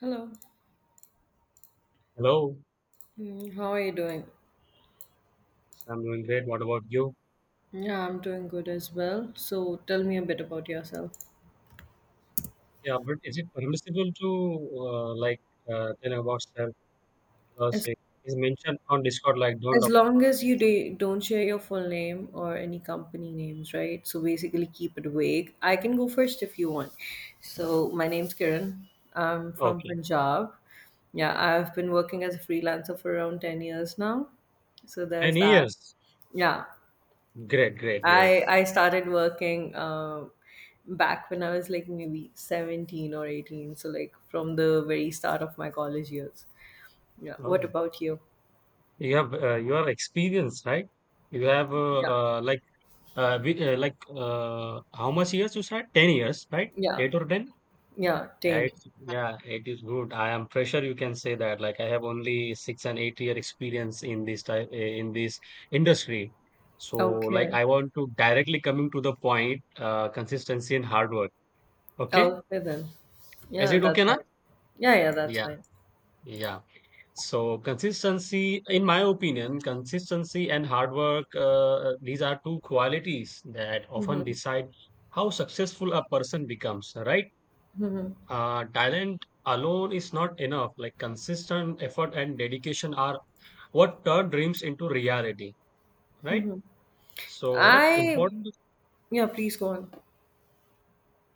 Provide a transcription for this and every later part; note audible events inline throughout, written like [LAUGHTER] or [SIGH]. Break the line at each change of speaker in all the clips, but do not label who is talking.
Hello.
Hello.
How are you doing?
Yes, I'm doing great. What about you?
Yeah, I'm doing good as well. So tell me a bit about yourself.
Yeah, but is it permissible to uh, like tell about self because
As
it is mentioned on Discord like don't
as
up-
long as you do, don't share your full name or any company names, right? So basically keep it vague. I can go first if you want. So my name's Kiran. I'm from
okay.
Punjab. Yeah, I've been working as a freelancer for around 10 years now. So
Ten
there's that.
years.
Yeah,
Great, great, great.
I I started working back when I was like maybe 17 or 18, so like from the very start of my college years. Yeah.
Oh,
What
yeah.
about you?
You have you are experienced, right? You have
Yeah.
like how much years you said? 10 years, right?
Yeah.
Eight or ten?
Yeah,
Yeah,
10.
yeah, it is good. I am fresher, you can say that. Like I have only 6 and 8 year experience in this in this industry. So like
Okay.
I want to directly coming to the point, consistency and hard work. Okay,
Okay then.
is
Yeah,
it
that's
okay now?
fine. Yeah, yeah, that's
Yeah,
fine.
yeah. So consistency, in my opinion, consistency and hard work, these are two qualities that often
Mm-hmm.
decide how successful a person becomes, right? Talent alone is not enough. Like consistent effort and dedication are what turn dreams into reality, right? So, like
I
important.
Yeah, please go on.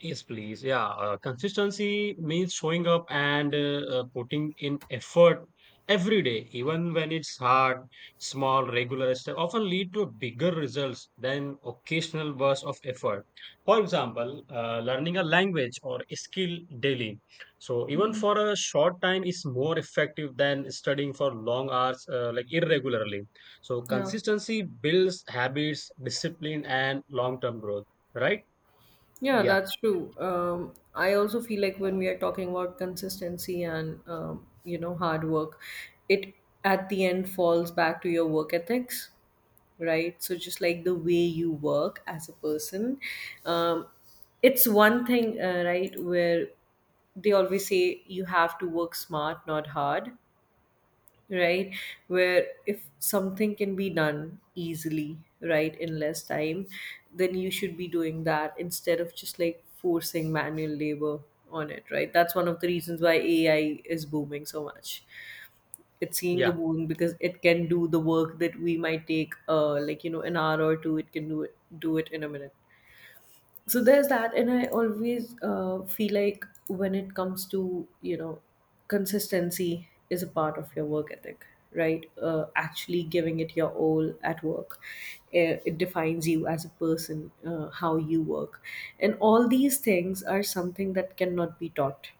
Yes, please. Yeah, consistency means showing up and putting in effort every day, even when it's hard. Small, regular steps often lead to bigger results than occasional bursts of effort. For example, learning a language or a skill daily. So even
Mm-hmm.
for a short time is more effective than studying for long hours, like irregularly. So
Yeah.
consistency builds habits, discipline, and long-term growth. Right?
Yeah,
Yeah.
that's true. I also feel like when we are talking about consistency and hard work, it at the end falls back to your work ethics, right? So just like the way you work as a person, um, it's one thing, right? Where they always say you have to work smart, not hard, right? Where if something can be done easily, right, in less time, then you should be doing that instead of just like forcing manual labor on it, right? That's one of the reasons why AI is booming so much. It's seeing a
Yeah.
boom because it can do the work that we might take an hour or two. It can do it in a minute. So there's that. And I always feel like when it comes to consistency is a part of your work ethic, right? Actually giving it your all at work, eh, it defines you as a person, how you work, and all these things are something that cannot be taught.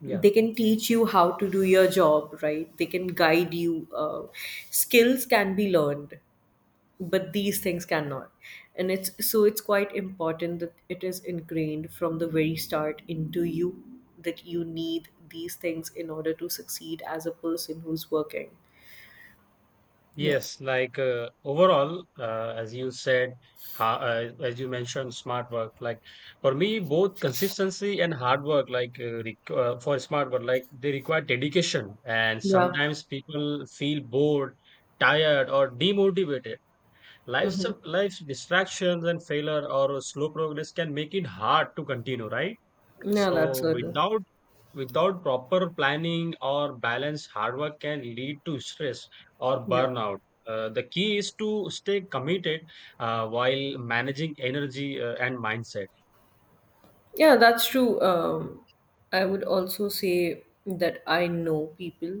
Yeah.
They can teach you how to do your job right, they can guide you, skills can be learned, but these things cannot. And it's, so it's quite important that it is ingrained from the very start into you that you need these things in order to succeed as a person who's working. Yeah.
Yes. Like overall, as you said, ha as you mentioned, smart work. Like for me, both consistency and hard work, like re for smart work, like they require dedication. And
Yeah.
sometimes people feel bored, tired, or demotivated. Life's
Mm-hmm.
life's distractions and failure or slow progress can make it hard to continue, right?
Yeah, that's
So
certain.
without Without proper planning or balance, hard work can lead to stress or
Yeah.
burnout. The key is to stay committed while managing energy and mindset.
Yeah, that's true. I would also say that I know people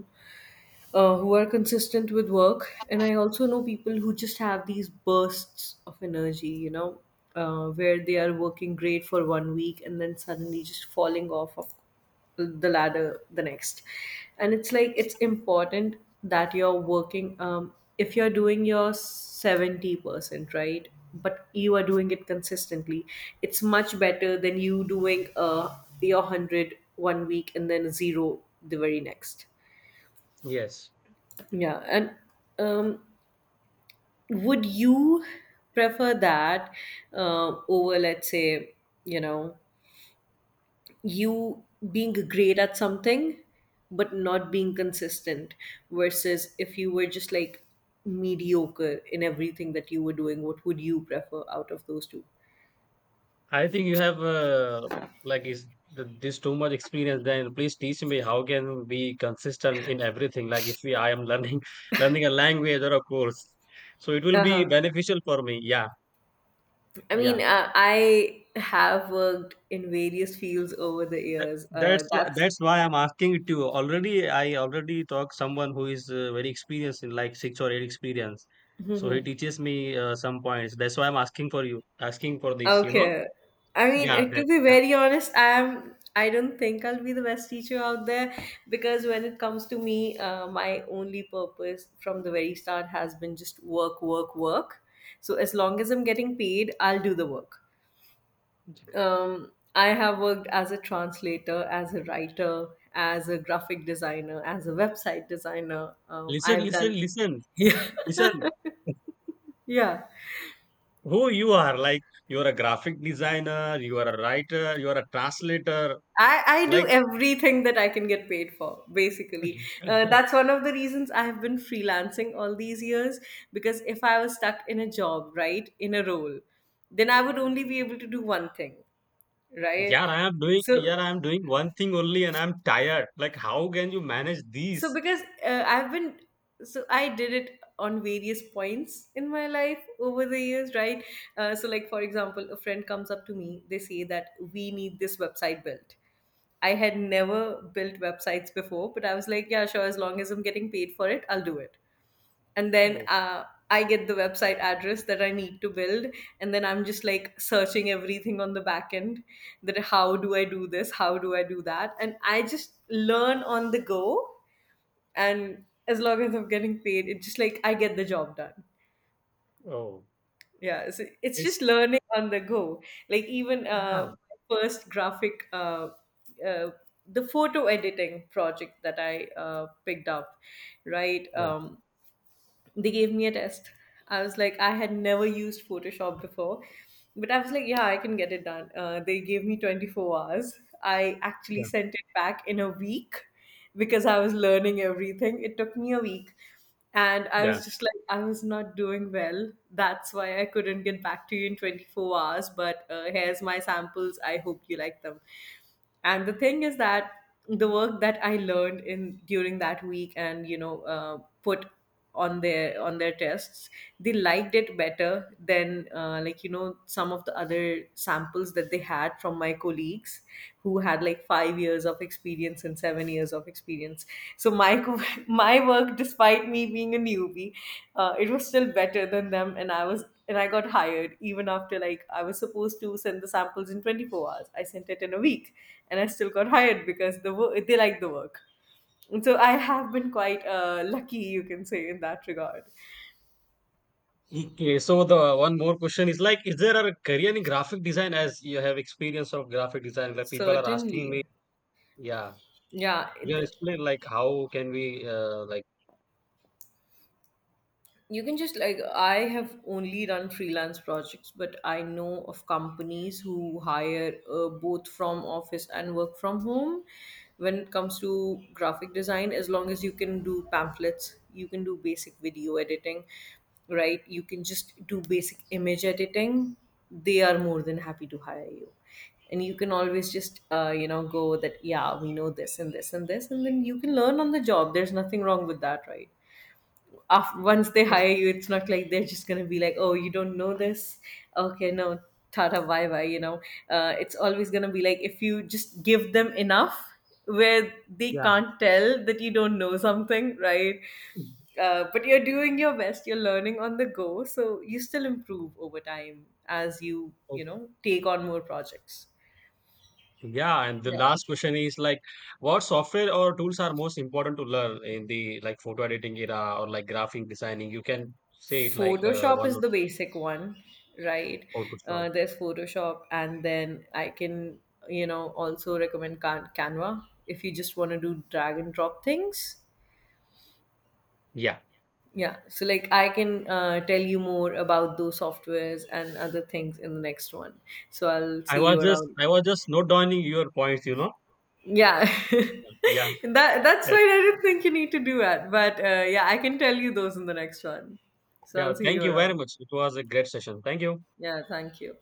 who are consistent with work. And I also know people who just have these bursts of energy, where they are working great for 1 week and then suddenly just falling off of the ladder the next. And it's like it's important that you're working, if you're doing your 70%, right? But you are doing it consistently, it's much better than you doing your 100 one week and then zero the very next.
Yes,
Yeah. And um, would you prefer that over, let's say, you know, you being great at something but not being consistent versus if you were just like mediocre in everything that you were doing, what would you prefer out of those two?
I think you have like is th this too much experience. Then please teach me how can be consistent in everything. Like if we I am learning [LAUGHS] learning a language or a course, so it will be
Uh-huh.
beneficial for me. Yeah,
I mean,
yeah.
I have worked in various fields over the
That-
years.
That's
That's
that's why I'm asking it to you. Already, I already talk someone who is very experienced in like six or eight experience. So he
[LAUGHS]
teaches me some points. That's why I'm asking for you, asking for this. You know?
okay. I mean,
Yeah.
eh, to
That.
be
Yeah.
very honest, I am. I don't think I'll be the best teacher out there because when it comes to me, my only purpose from the very start has been just work, work, work. So as long as I'm getting paid, I'll do the work. I have worked as a translator, as a writer, as a graphic designer, as a website designer.
Listen.
I've
Listen.
done,
Listen.
[LAUGHS] yeah,
Listen.
yeah.
Who you are? Like you are a graphic designer. You are a writer. You are a translator.
I do
Like.
everything that I can get paid for, basically.
[LAUGHS]
That's one of the reasons I've been freelancing all these years, because if I was stuck in a job, right, in a role, then I would only be able to do one thing, right?
Yeah, I am doing.
So,
Yeah, I am doing one thing only, and I'm tired. Like, how can you manage
so
these?
because so I did it on various points in my life over the years, right? So, like, for example, a friend comes up to me, they say that we need this website built. I had never built websites before, but I was like, yeah, sure, as long as I'm getting paid for it, I'll do it. And then
Oh,
I get the website address that I need to build, and then I'm just like searching everything on the back end, that how do I do this, how do I do that, and I just learn on the go. And as long as I'm getting paid, it just like I get the job done.
oh,
Yeah, so it's just
it's
learning on the go. Like even
yeah.
first graphic, uh, uh, the photo editing project that I picked up, right?
Yeah,
They gave me a test. I was like, I had never used Photoshop before, but I was like, yeah, I can get it done. They gave me 24 hours. I actually
yeah,
sent it back in a week because I was learning everything. It took me a week. And I
yeah.
was just like, I was not doing well. That's why I couldn't get back to you in 24 hours. But here's my samples. I hope you like them. And the thing is that the work that I learned in during that week and put on their tests, they liked it better than some of the other samples that they had from my colleagues who had like 5 years of experience and 7 years of experience. So [LAUGHS] my work, despite me being a newbie, it was still better than them. And I was and I got hired even after, like, I was supposed to send the samples in 24 hours, I sent it in a week, and I still got hired because they liked the work. So I have been quite lucky, you can say, in that regard.
Okay, so the one more question is like, is there a career in graphic design as you have experience of graphic design where people are asking me,
Certainly.
yeah,
Yeah,
we are
th-
explain like how can we like.
you can just like, I have only done freelance projects, but I know of companies who hire both from office and work from home. When it comes to graphic design, as long as you can do pamphlets, you can do basic video editing, right, you can just do basic image editing, they are more than happy to hire you. And you can always just go that, yeah, we know this and this and this, and then you can learn on the job. There's nothing wrong with that, right? After, once they
Oh,
hire you, it's not like they're just gonna be like, "Oh, you don't know this? Okay, no, tata, bye bye." You know, it's always gonna be like if you just give them enough where they
yeah.
can't tell that you don't know something, right?
Mm.
But you're doing your best. You're learning on the go, so you still improve over time as you
Oh.
you know take on more projects.
Yeah, and the last question is like, what software or tools are most important to learn in the like photo editing era or like graphic designing? You can say it like
Photoshop
one
is the basic one, right?
or two stuff.
There's Photoshop, and then I can, also recommend Canva if you just want to do drag and drop things.
Yeah,
Yeah, so like I can tell you more about those softwares and other things in the next one. So I'll see you around.
I was just note down your points, you know.
Yeah, [LAUGHS]
Yeah.
that's why I didn't think you need to do that, but yeah, I can tell you those in the next one. So
Yeah,
I'll see you
thank you very
around.
much. It was a great session. Thank you.
Yeah, thank you.